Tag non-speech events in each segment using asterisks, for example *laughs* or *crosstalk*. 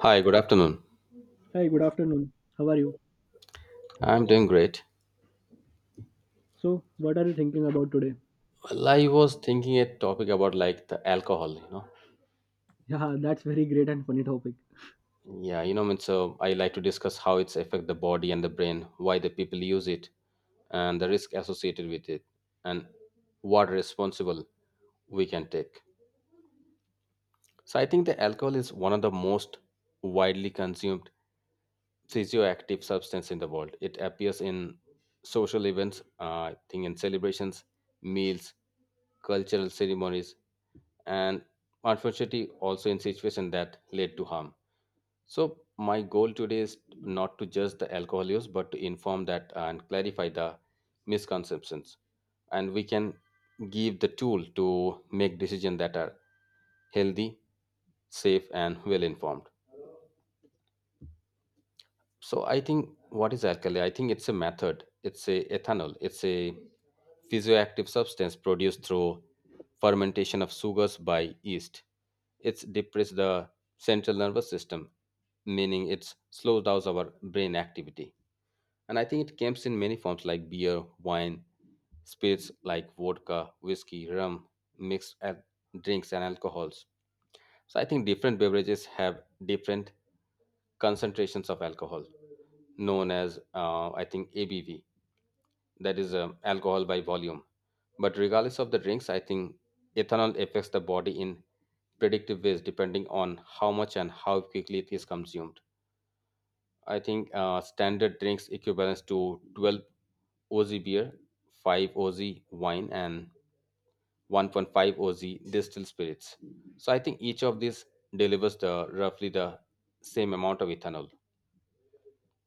Hi, good afternoon. Hi, good afternoon. How are you? I'm doing great. So, what are you thinking about today? Well, I was thinking a topic about like the alcohol. Yeah, that's very great and funny topic. Yeah, I mean, so I like to discuss how it's affect the body and the brain, why the people use it, and the risk associated with it, and what responsible we can take. So I think the alcohol is one of the most widely consumed psychoactive substance in the world. It appears in social events, I think in celebrations, meals, cultural ceremonies, and unfortunately also in situations that led to harm. So my goal today is not to judge the alcohol use, but to inform that and clarify the misconceptions, and we can give the tool to make decisions that are healthy, safe, and well informed. So I think what is alkali? I think it's a method. It's a ethanol. It's a physioactive substance produced through fermentation of sugars by yeast. It's depress the central nervous system, meaning it slows down our brain activity. And I think it comes in many forms like beer, wine, spirits like vodka, whiskey, rum, mixed drinks and alcohols. So I think different beverages have different concentrations of alcohol, known as I think ABV, that is alcohol by volume. But regardless of the drinks, I think ethanol affects the body in predictive ways depending on how much and how quickly it is consumed. I think standard drinks equivalents to 12 oz beer, 5 oz wine, and 1.5 oz distilled spirits. So I think each of these delivers the roughly the same amount of ethanol.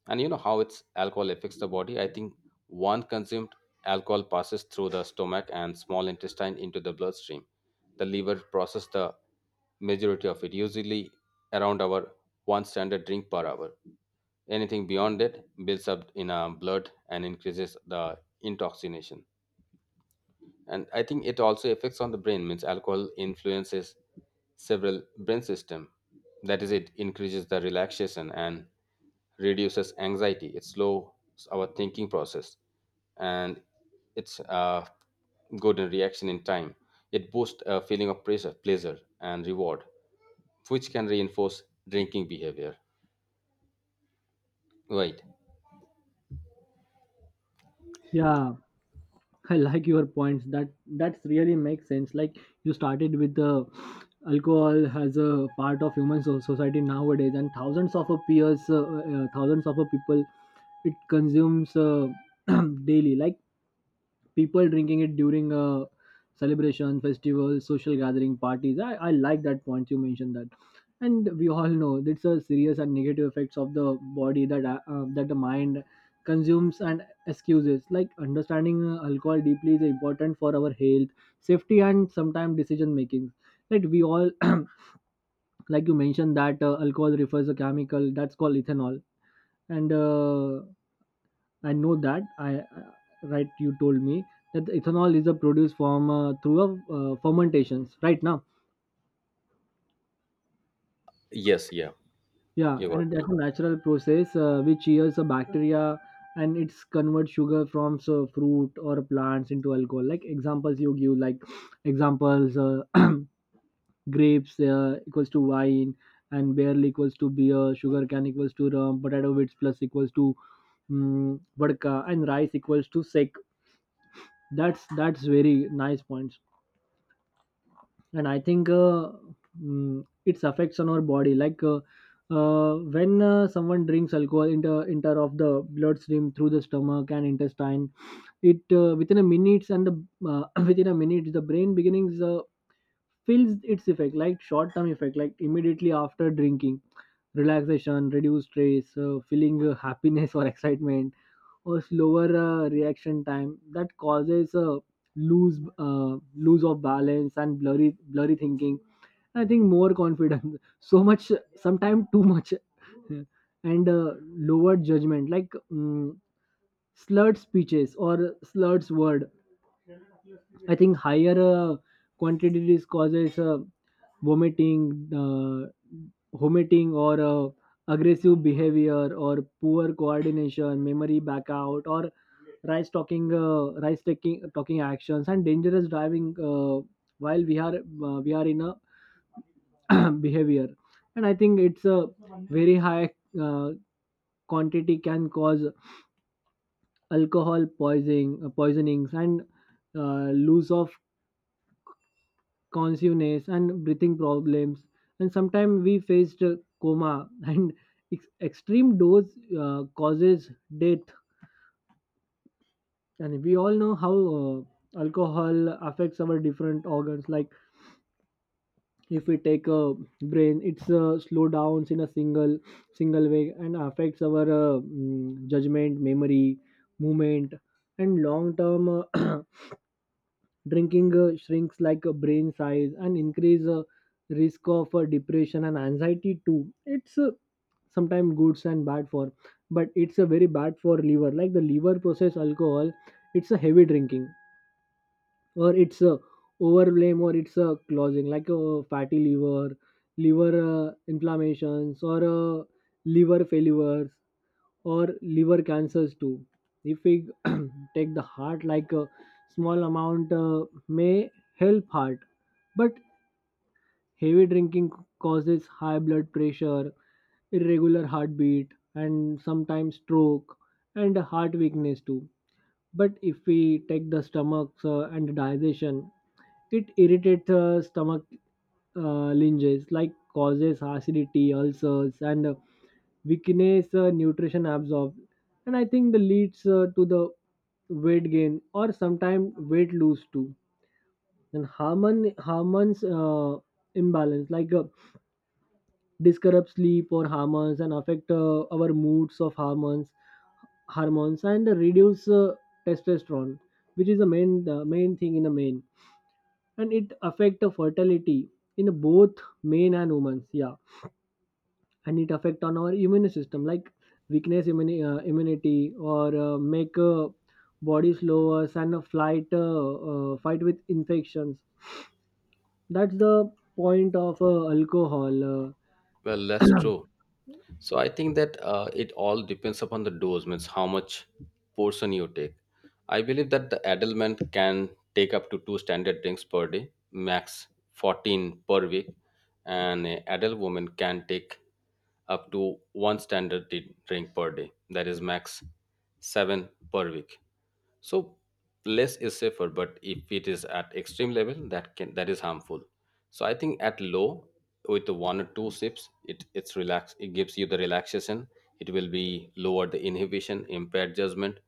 And you know how its alcohol affects the body? I think one consumed alcohol passes through the stomach and small intestine into the bloodstream. The liver processes the majority of it, usually around our one standard drink per hour. Anything beyond it builds up in our blood and increases the intoxication. And I think it also affects on the brain, means alcohol influences several brain system, that is it increases the relaxation and reduces anxiety. It slows our thinking process, and it's good in reaction in time. It boosts a feeling of pressure pleasure and reward, which can reinforce drinking behavior, right? Yeah, I like your points. That that's really makes sense. Like you started with the alcohol as a part of human society nowadays, and thousands of our peers, thousands of our people, it consumes *clears throat* daily. Like people drinking it during a celebration festival social gathering parties. I like that point you mentioned that, and we all know it's a serious and negative effects of the body that the mind consumes and excuses. Like understanding alcohol deeply is important for our health, safety, and sometimes decision making, like we all *clears throat* like you mentioned that alcohol refers a chemical that's called ethanol. And I know that. I Right. You told me that the ethanol is a produce from through a fermentations. Right now, Yes, yeah. yeah, You got and it. that's a natural process which yields a bacteria, and it's convert sugar from so, fruit or plants into alcohol. Like examples you give, like *sniffs* examples *clears throat* grapes equals to wine, and barrel equals to beer, sugar can equals to rum, potato bits plus equals to mm vodka, and rice equals to sec. That's very nice points. And I think mm, its affects on our body like when someone drinks alcohol into enter of the bloodstream through the stomach and intestine, it within a minutes, and the *clears throat* within a minute the brain beginnings feels its effect, like short term effect like immediately after drinking: relaxation, reduced stress, feeling happiness *laughs* or excitement, or slower reaction time that causes a lose of balance and blurry thinking. I think more confidence, *laughs* so much, sometimes too much. *laughs* And lower judgment, like mm, slurred speeches or slurred word. I think higher quantities causes vomiting, uh, vomiting, or aggressive behavior, or poor coordination, memory blackout, or rice talking, rice taking talking actions, and dangerous driving while we are in a *clears throat* behavior. And I think it's a very high uh, quantity can cause alcohol poisoning, poisonings, and loss of consciousness and breathing problems, and sometimes we faced coma, *laughs* and extreme dose causes death. And we all know how alcohol affects our different organs. Like if we take a brain, it's slow downs in a single way and affects our mm, judgment, memory, movement. And long term *clears throat* drinking shrinks like a brain size and increase risk of depression and anxiety too. It's sometimes good and bad for, but it's a very bad for liver. Like the liver process alcohol, it's a heavy drinking, or it's a overblame, or it's a closing like a fatty liver, liver inflammations, or liver failures, or liver cancers too. If we *clears throat* take the heart, like a small amount may help heart, but heavy drinking causes high blood pressure, irregular heartbeat, and sometimes stroke and heart weakness too. But if we take the stomachs and digestion, it irritates stomach linges, like causes acidity, ulcers, and weakness nutrition absorbed, and I think the leads to the weight gain, or sometimes weight lose too, and hormones imbalance, like disrupt sleep or hormones, and affect our moods of hormones, and reduce testosterone, which is the main thing in the main, and it affect the fertility in both men and women, yeah. And it affect on our immune system, like weakness immunity, or make body slower, and a flight fight with infections. That's the point of alcohol Well, that's true. So I think that it all depends upon the dose, means how much portion you take. I believe that the adult man can take up to two standard drinks per day, max 14 per week, and an adult woman can take up to one standard drink per day, that is max 7 per week. So less is safer, but if it is at extreme level, that is harmful. So I think at low with the one or two sips, it's relax. It gives you the relaxation. It will be lower the inhibition, impaired judgment,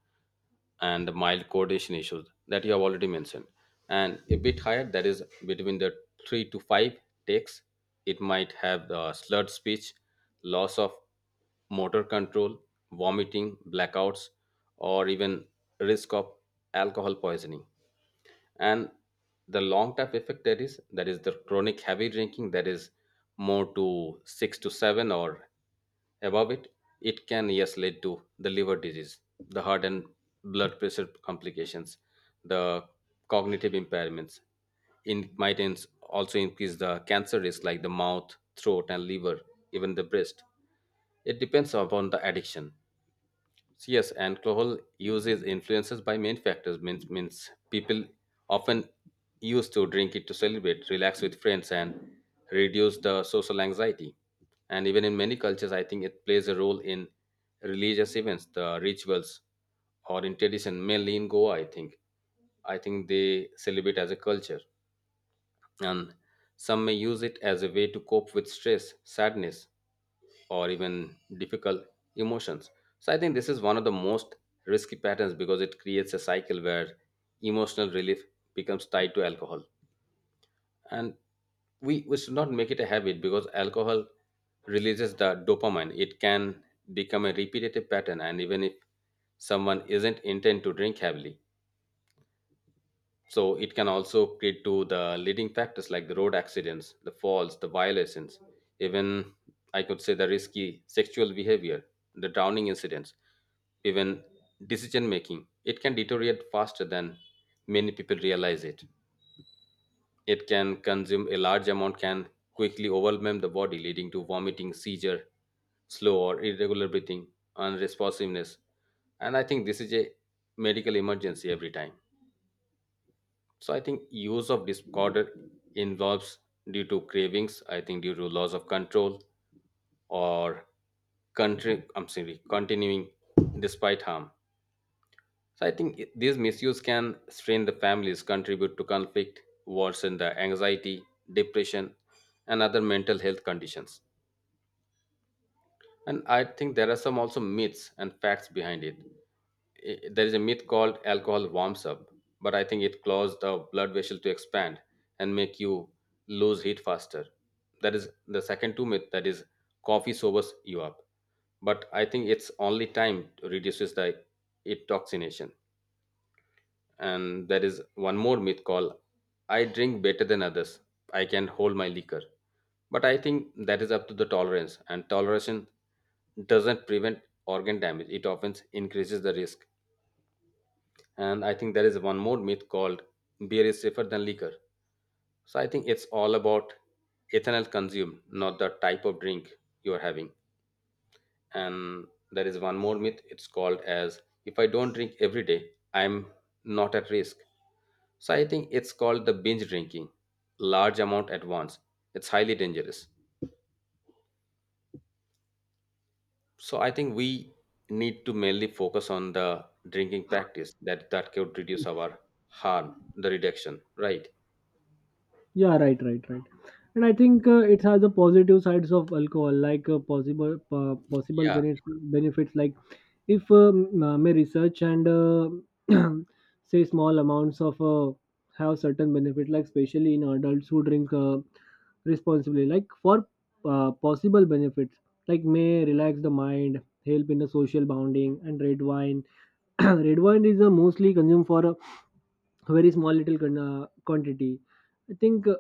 and mild coordination issues that you have already mentioned. And a bit higher, that is between the three to five takes, it might have the slurred speech, loss of motor control, vomiting, blackouts, or even risk of alcohol poisoning. And the long term effect there is, that is the chronic heavy drinking, that is more to 6 to 7 or above it. It can, yes, lead to the liver disease, the heart and blood pressure complications, the cognitive impairments. In might also increase the cancer risk like the mouth throat and liver, even the breast. It depends upon the addiction. Yes, alcohol use is influences by many factors. Means people often used to drink it to celebrate, relax with friends, and reduce the social anxiety. And even in many cultures, I think it plays a role in religious events, the rituals, or in tradition. Mainly in Goa, I think. I think they celebrate as a culture, and some may use it as a way to cope with stress, sadness, or even difficult emotions. So I think this is one of the most risky patterns because it creates a cycle where emotional relief becomes tied to alcohol. And we should not make it a habit because alcohol releases the dopamine. It can become a repetitive pattern. And even if someone isn't intent to drink heavily, so it can also lead to the leading factors like the road accidents, the falls, the violations, even I could say the risky sexual behavior, the drowning incidents, even decision making. It can deteriorate faster than many people realize it. It can consume a large amount, can quickly overwhelm the body, leading to vomiting, seizure, slow or irregular breathing, unresponsiveness. And I think this is a medical emergency every time. So I think use of discorder involves due to cravings, I think due to loss of control or country I'm sorry, continuing despite harm. So I think these misuse can strain the families, contribute to conflict, worsen the anxiety, depression, and other mental health conditions. And I think there are some also myths and facts behind it. There is a myth called alcohol warms up, but I think it causes the blood vessel to expand and make you lose heat faster. That is the second two myth, that is coffee sobers you up, but I think it's only time reduces the it toxination. And there is one more myth called I drink better than others. I can hold my liquor. But I think that is up to the tolerance, and toleration doesn't prevent organ damage, it often increases the risk. And I think there is one more myth called beer is safer than liquor. So I think it's all about ethanol consumed, not the type of drink you are having. And there is one more myth, it's called as if I don't drink every day, I'm not at risk. So I think it's called the binge drinking, large amount at once. It's highly dangerous. So I think we need to mainly focus on the drinking practice that could reduce our harm, the reduction, right? Yeah, right, right, right. And I think it has the positive sides of alcohol, like possible Yeah, benefits, benefits, like if may research and *clears throat* say small amounts of have certain benefit, like especially in adults who drink responsibly, like for possible benefits, like may relax the mind, help in the social bonding, and red wine. *clears throat* Red wine is mostly consumed for very small little quantity. I think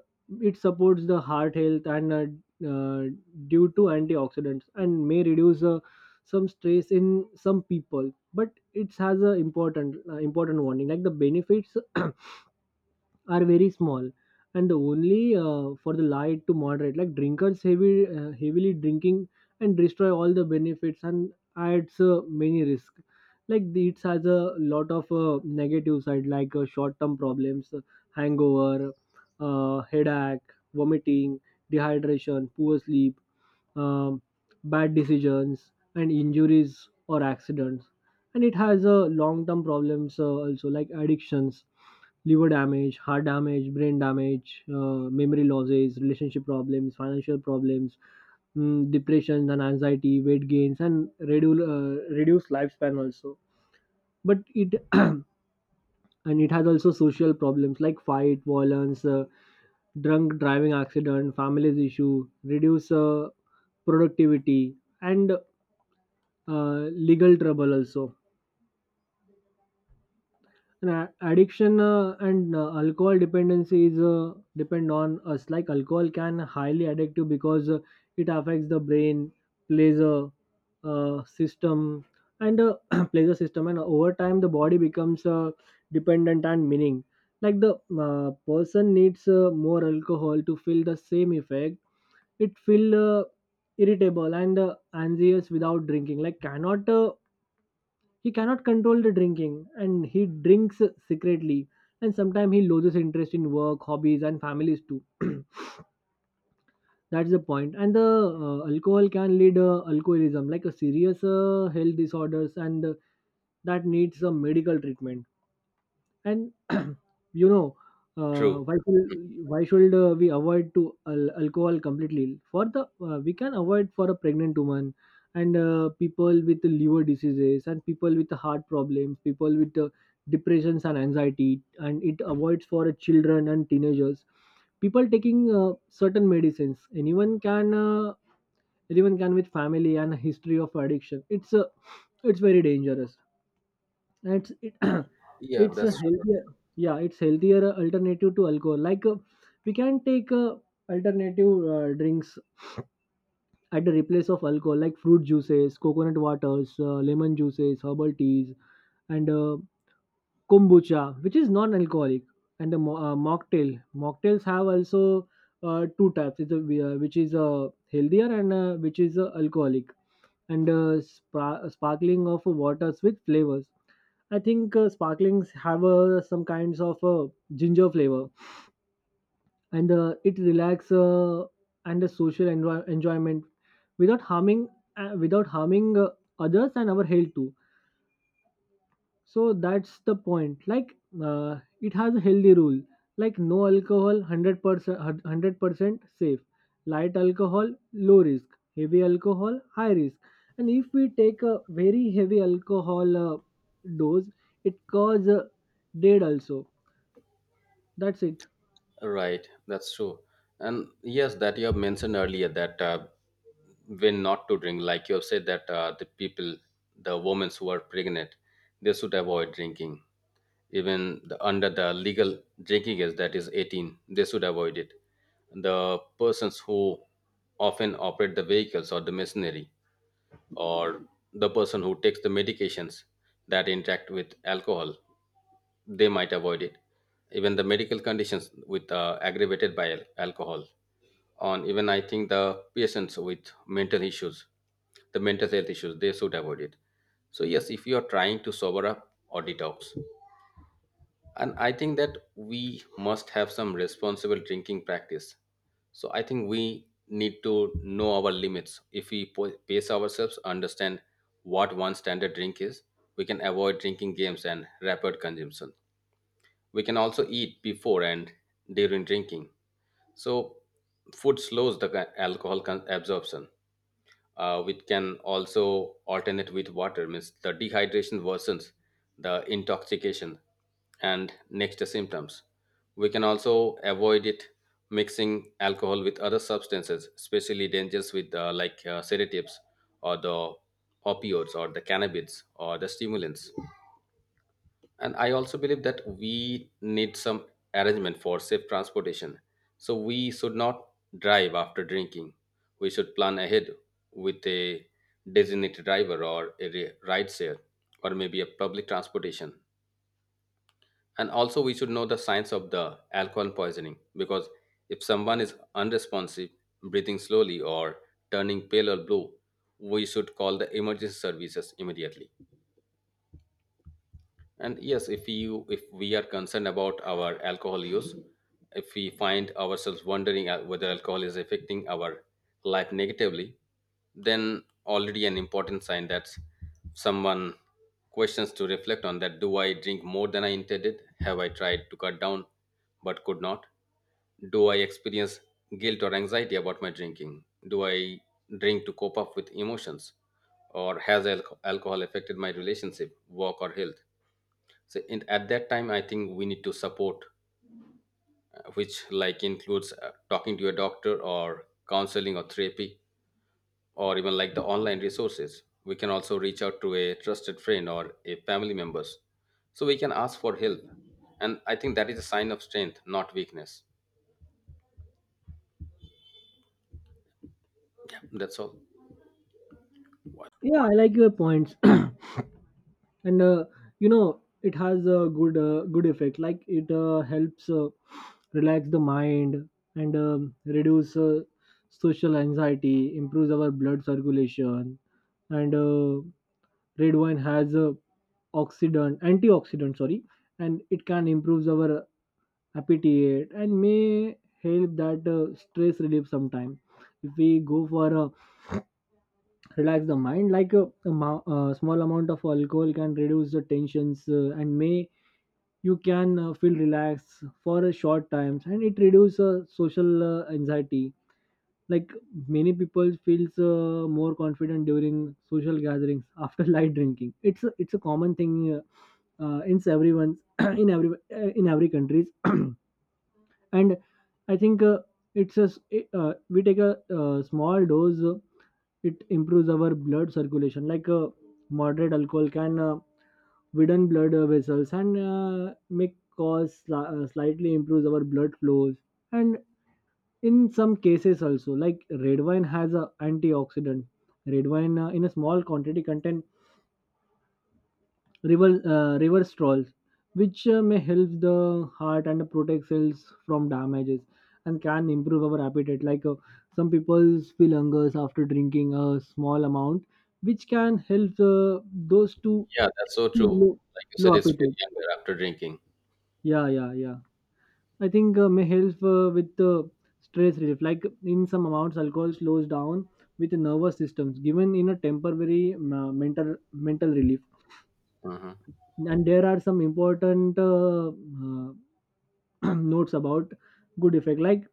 it supports the heart health, and due to antioxidants, and may reduce some stress in some people. But it has a important important warning, like the benefits *clears throat* are very small, and the only for the light to moderate like drinkers. Heavy heavily drinking and destroy all the benefits and adds many risks, like the- it has a lot of negative side, like short-term problems: hangover, headache, vomiting, dehydration, poor sleep, um, bad decisions, and injuries or accidents. And it has a long term problems also, like addictions, liver damage, heart damage, brain damage, memory losses, relationship problems, financial problems, mm, depression and anxiety, weight gains, and reduced lifespan also. But it *clears throat* and it has also social problems, like fight, violence, drunk driving accident, families issue, reduce productivity, and uh, legal trouble also. Addiction and alcohol dependency is depend on us. Like alcohol can highly addictive, because it affects the brain, plays a system, and *clears throat* plays a system, and over time the body becomes dependent, and meaning like the person needs more alcohol to feel the same effect. It feel irritable and anxious without drinking, like cannot he cannot control the drinking, and he drinks secretly. And sometimes he loses interest in work, hobbies, and families too. *clears throat* That's the point. And the alcohol can lead alcoholism, like a serious health disorders, and that needs some medical treatment. And *clears throat* you know, true. Mm. why should we avoid to alcohol completely? For the we can avoid for a pregnant woman, and people with liver diseases, and people with heart problems, people with depressions and anxiety, and it avoids for children and teenagers, people taking certain medicines, anyone can with family and history of addiction. It's it's very dangerous. It's it *clears throat* Yeah, it's a that's healthier, yeah, it's healthier alternative to alcohol, like we can take alternative drinks at the replace of alcohol, like fruit juices, coconut waters, lemon juices, herbal teas, and kombucha, which is non-alcoholic. And the mocktails have also two types. It's a, which is healthier, and which is alcoholic, and sparkling of waters with flavors. I think sparklings have some kinds of ginger flavor, and it relax and a social enjoyment without harming, uh, without harming uh, others and our health too. So that's the point, like it has a healthy rule, like no alcohol 100%, 100% safe, light alcohol low risk, heavy alcohol high risk. And if we take a very heavy alcohol dose, it cause dead also. That's it. right. That's true. And yes, that you have mentioned earlier that when not to drink, like you have said that the people, the women who are pregnant, they should avoid drinking. Even under the legal drinking age that is 18, they should avoid it. The persons who often operate the vehicles or the machinery, or the person who takes the medications that interact with alcohol, they might avoid it. Even the medical conditions with aggravated by alcohol. On Even I think the patients with mental issues, the mental health issues, they should avoid it. So yes, if you are trying to sober up or detox. And I think that we must have some responsible drinking practice. So I think we need to know our limits, if we pace ourselves, understand what one standard drink is. We can avoid drinking games and rapid consumption. We can also eat before and during drinking. So food slows the alcohol absorption, which can also alternate with water, means the dehydration worsens the intoxication and next symptoms. We can also avoid it mixing alcohol with other substances, especially dangerous with like sedatives or the opioids or the cannabis or the stimulants. And I also believe that we need some arrangement for safe transportation. So we should not drive after drinking. We should plan ahead with a designated driver or a ride share, or maybe a public transportation. And also we should know the signs of the alcohol poisoning, because if someone is unresponsive, breathing slowly or turning pale or blue, we should call the emergency services immediately. And yes, if we are concerned about our alcohol use, if we find ourselves wondering whether alcohol is affecting our life negatively, then already an important sign that someone questions to reflect on: that do I drink more than I intended, have I tried to cut down but could not, do I experience guilt or anxiety about my drinking, do I drink to cope up with emotions, or has alcohol affected my relationship, work or health? So at that time I think we need to support, which like includes talking to a doctor or counseling or therapy, or even like the online resources. We can also reach out to a trusted friend or a family members, so we can ask for help. And I think that is a sign of strength, not weakness. That's all. Yeah, I like your points. And you know, it has a good good effect, like it helps relax the mind and reduce social anxiety, improves our blood circulation. And red wine has a oxidant antioxidant, sorry, and it can improve our appetite, and may help that stress relief sometime. If we go for a relax the mind, like a small amount of alcohol can reduce the tensions, and may you can feel relaxed for a short times, and it reduces social anxiety. Like many people feels more confident during social gatherings after *laughs* light drinking. It's a, it's a common thing, in everyone's *coughs* *clears throat* in every countries. *coughs* *clears throat* And I think it's a it, we take a small dose, it improves our blood circulation. Like moderate alcohol can widen blood vessels, and make cause slightly improves our blood flows. And in some cases also, like red wine has a antioxidant, red wine in a small quantity contain river strolls, which may help the heart and protect cells from damages, and can improve our appetite. Like some people feel hunger after drinking a small amount, which can help those to Yeah, that's so true, low, like you low said, it's very appetite, younger after drinking. yeah, yeah, yeah. I think may help with the stress relief, like in some amounts alcohol slows down with the nervous systems, given in a temporary mental mental relief Hmm. And there are some important *clears throat* notes about good effect like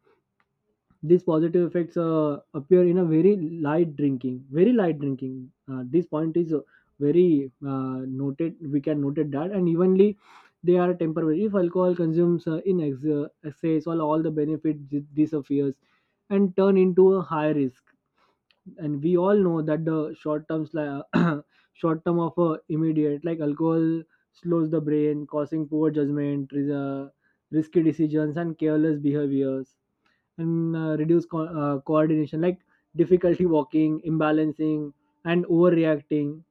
these positive effects appear in a very light drinking, very light drinking. This point is very noted. We can note it that, and evenly they are temporary. If alcohol consumes uh, in excess, all the benefit disappears and turn into a high risk. And we all know that the short terms like *coughs* *clears throat* short term of immediate like alcohol slows the brain causing poor judgment risky decisions and careless behaviors, and reduce coordination like difficulty walking, imbalancing, and overreacting.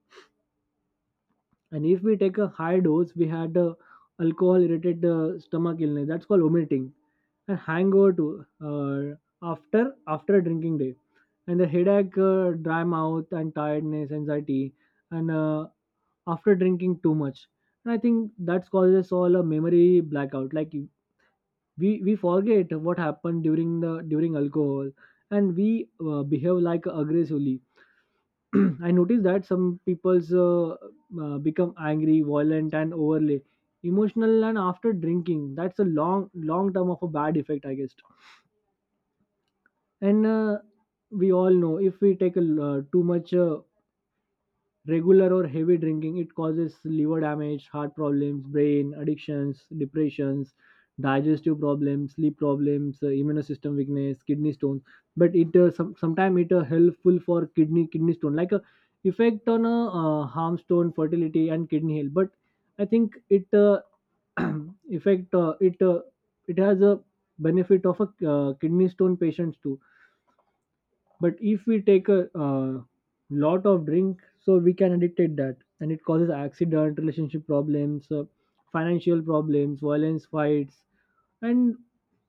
And if we take a high dose, we had alcohol irritated stomach illness that's called vomiting and hangover too, after a drinking day, and the headache, dry mouth and tiredness, anxiety, and after drinking too much. And I think that causes all a memory blackout like we forget what happened during the during alcohol. And we behave like aggressively. *clears throat* I noticed that some people's become angry, violent, and overly emotional and after drinking, that's a long long term of a bad effect I guess. And we all know if we take a too much regular or heavy drinking, it causes liver damage, heart problems, brain addictions, depressions, digestive problems, sleep problems, immune system weakness, kidney stones. But it sometimes it helpful for kidney stone like a effect on harm stone fertility and kidney health. But I think it *clears throat* effect, it has a benefit of a kidney stone patients too. But if we take a lot of drink, so we can addicted that, and it causes accident, relationship problems, financial problems, violence, fights, and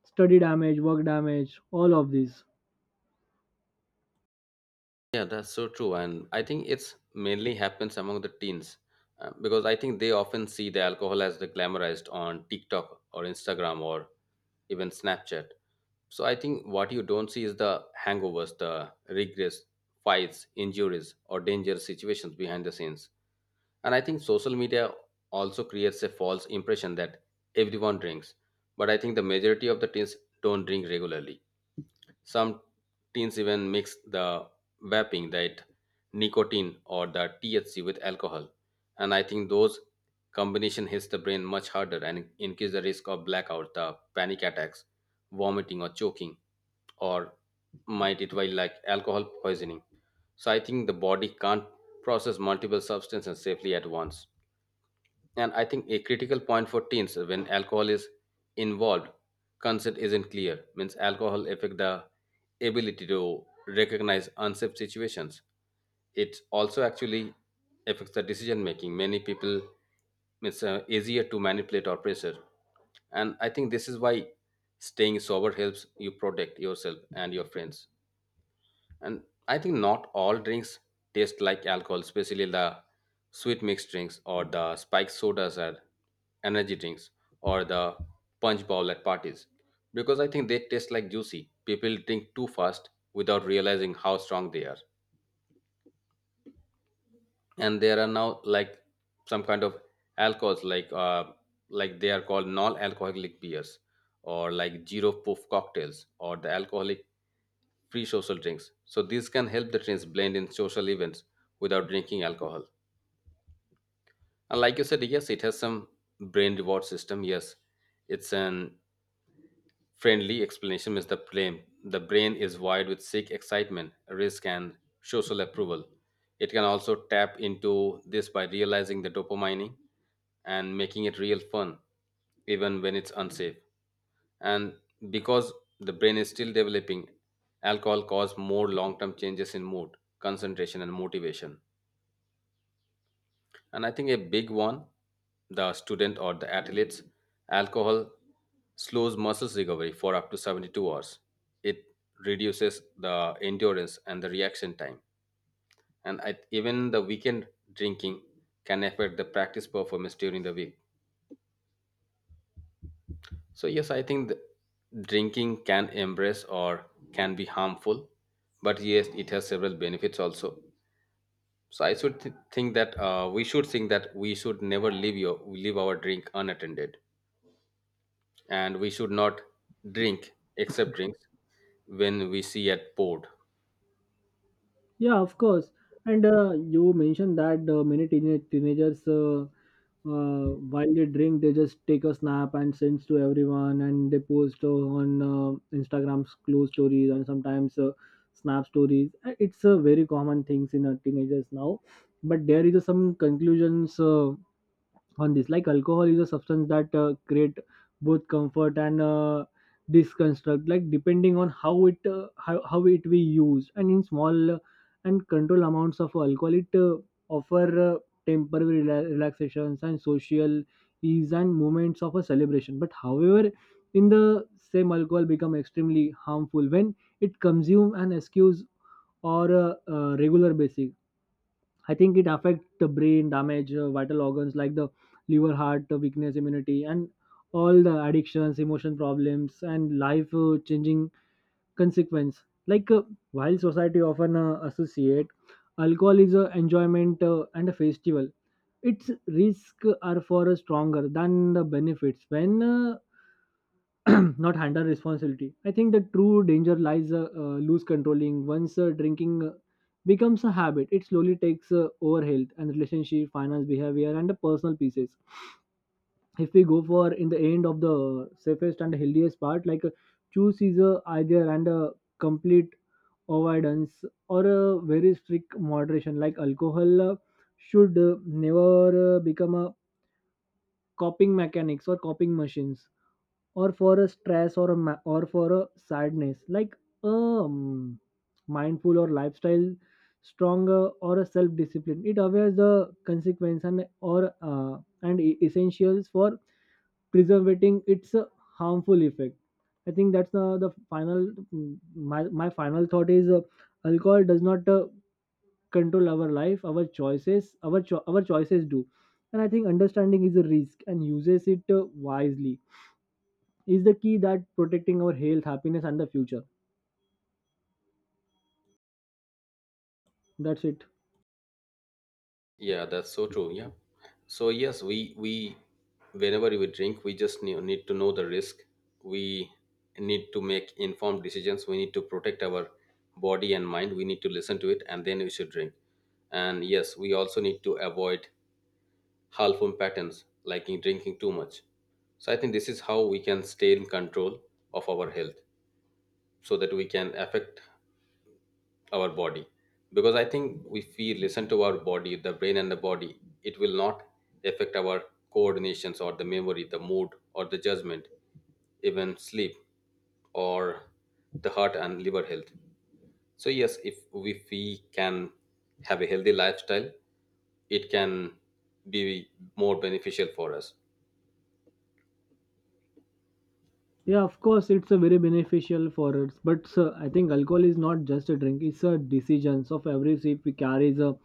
study damage, work damage, all of these. Yeah, that's so true, and I think it's mainly happens among the teens because I think they often see the alcohol as the glamorized on TikTok or Instagram or even Snapchat. So I think what you don't see is the hangovers, the regrets, fights, injuries, or dangerous situations behind the scenes. And I think social media also creates a false impression that everyone drinks, but I think the majority of the teens don't drink regularly. Some teens even mix the vaping, that nicotine or the THC with alcohol. And I think those combination hits the brain much harder and increase the risk of blackout, the panic attacks, vomiting or choking, or might it while like alcohol poisoning. So I think the body can't process multiple substances safely at once. And I think a critical point for teens, when alcohol is involved, consent isn't clear. Means alcohol affect the ability to recognize unsafe situations. It also actually affects the decision making. Many people it's easier to manipulate or pressure. And I think this is why staying sober helps you protect yourself and your friends. And I think not all drinks taste like alcohol, especially the sweet mixed drinks or the spiked sodas or energy drinks or the punch bowl at parties. Because I think they taste like juicy. People drink too fast without realizing how strong they are. And there are now like some kind of alcohols like they are called non-alcoholic beers or like zero proof cocktails or the alcoholic free social drinks. So this can help the teens blend in social events without drinking alcohol. And like you said, yes, it has some brain reward system. Yes, it's an friendly explanation is the blame. The brain is wired with seek excitement, risk, and social approval. It can also tap into this by realizing the dopamine and making it real fun, even when it's unsafe. And because the brain is still developing, alcohol causes more long term changes in mood, concentration, and motivation. And I think a big one, the student or the athletes, alcohol slows muscles recovery for up to 72 hours. It reduces the endurance and the reaction time. And I, even the weekend drinking can affect the practice performance during the week. So yes, I think the drinking can embrace or can be harmful, but yes, it has several benefits also. So I should think that we should never leave our drink unattended, and we should not drink except drinks when we see at board. Yeah, of course. And you mentioned that many teenagers, while they drink, they just take a snap and sends to everyone, and they post on Instagram's close stories and sometimes snap stories. It's a very common things in teenagers now. But there is some conclusions. On this like alcohol is a substance that create both comfort and disconstruct like depending on how it how it we use. And in small and control amounts of alcohol, it offer uh, temporary relaxations and social ease and moments of a celebration. But however, in the same alcohol become extremely harmful when it consume and excuse or a, regular basis. I think it affects the brain damage, vital organs like the liver, heart, weakness, immunity, and all the addictions, emotion problems, and life changing consequence like while society often associate alcohol is a enjoyment and a festival, its risk are far stronger than the benefits when *clears throat* not handle responsibility. I think the true danger lies loose controlling. Once drinking becomes a habit, it slowly takes over health and relationship, finance, behavior, and the personal pieces. If we go for in the end of the safest and healthiest part like choose is a either and a complete avoidance or a very strict moderation. Like alcohol should never become a coping mechanics or coping machines or for a stress or or for a sadness. Like um mindful or lifestyle, stronger or a self discipline, it awares the consequence and or essentials for preserving its harmful effect. I think that's the final my final thought is alcohol does not control our life, our choices, our choices do. And I think understanding is a risk and uses it wisely is the key that protecting our health, happiness, and the future. That's it. Yeah, that's so true, yeah. So yes, we, whenever we drink, we just need to know the risk. We need to make informed decisions. We need to protect our body and mind. We need to listen to it, and then we should drink. And yes, we also need to avoid harmful patterns like in drinking too much. So I think this is how we can stay in control of our health, so that we can affect our body. Because I think if we listen to our body, the brain and the body, it will not affect our coordinations or the memory, the mood or the judgment, even sleep or the heart and liver health. So yes, if we can have a healthy lifestyle, it can be more beneficial for us. Yeah, of course, it's a very beneficial for us. But sir, I think alcohol is not just a drink; it's a decisions of every sip we carries a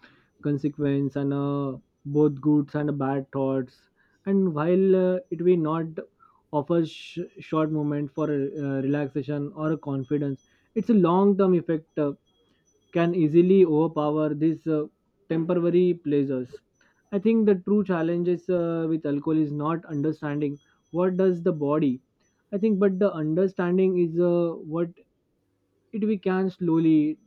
consequence and both good and bad thoughts. And while it will not offer short moment for relaxation or a confidence, it's a long-term effect can easily overpower these temporary pleasures. I think the true challenge is with alcohol is not understanding what does the body, I think, but the understanding is what it we can slowly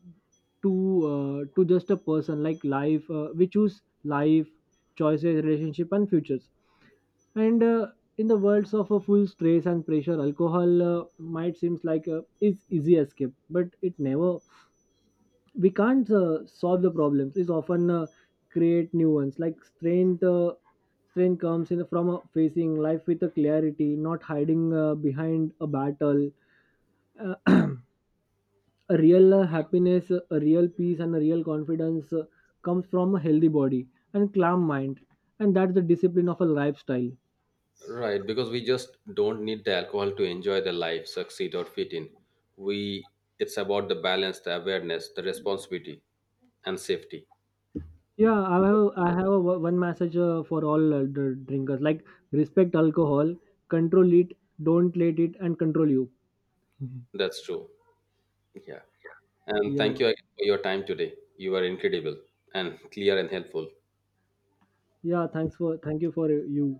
to to just a person like life. We choose life, choices, relationship, and futures. And in the worlds of a full stress and pressure, alcohol might seems like a is easy escape, but it never. We can't solve the problems. It's often create new ones. Like strength comes in from facing life with a clarity, not hiding behind a battle uh, a real happiness, a real peace, and a real confidence comes from a healthy body and calm mind, and that's the discipline of a lifestyle. Right, because we just don't need the alcohol to enjoy the life, succeed, or fit in. We, it's about the balance, the awareness, the responsibility, and safety. Yeah, I have a, one message for all uh, drinkers: like respect alcohol, control it, don't let it, and control you. That's true. Yeah. And Yeah, thank you again for your time today. You were incredible and clear and helpful. yeah. Thanks for thank you for you.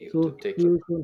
You to So take see care. you soon.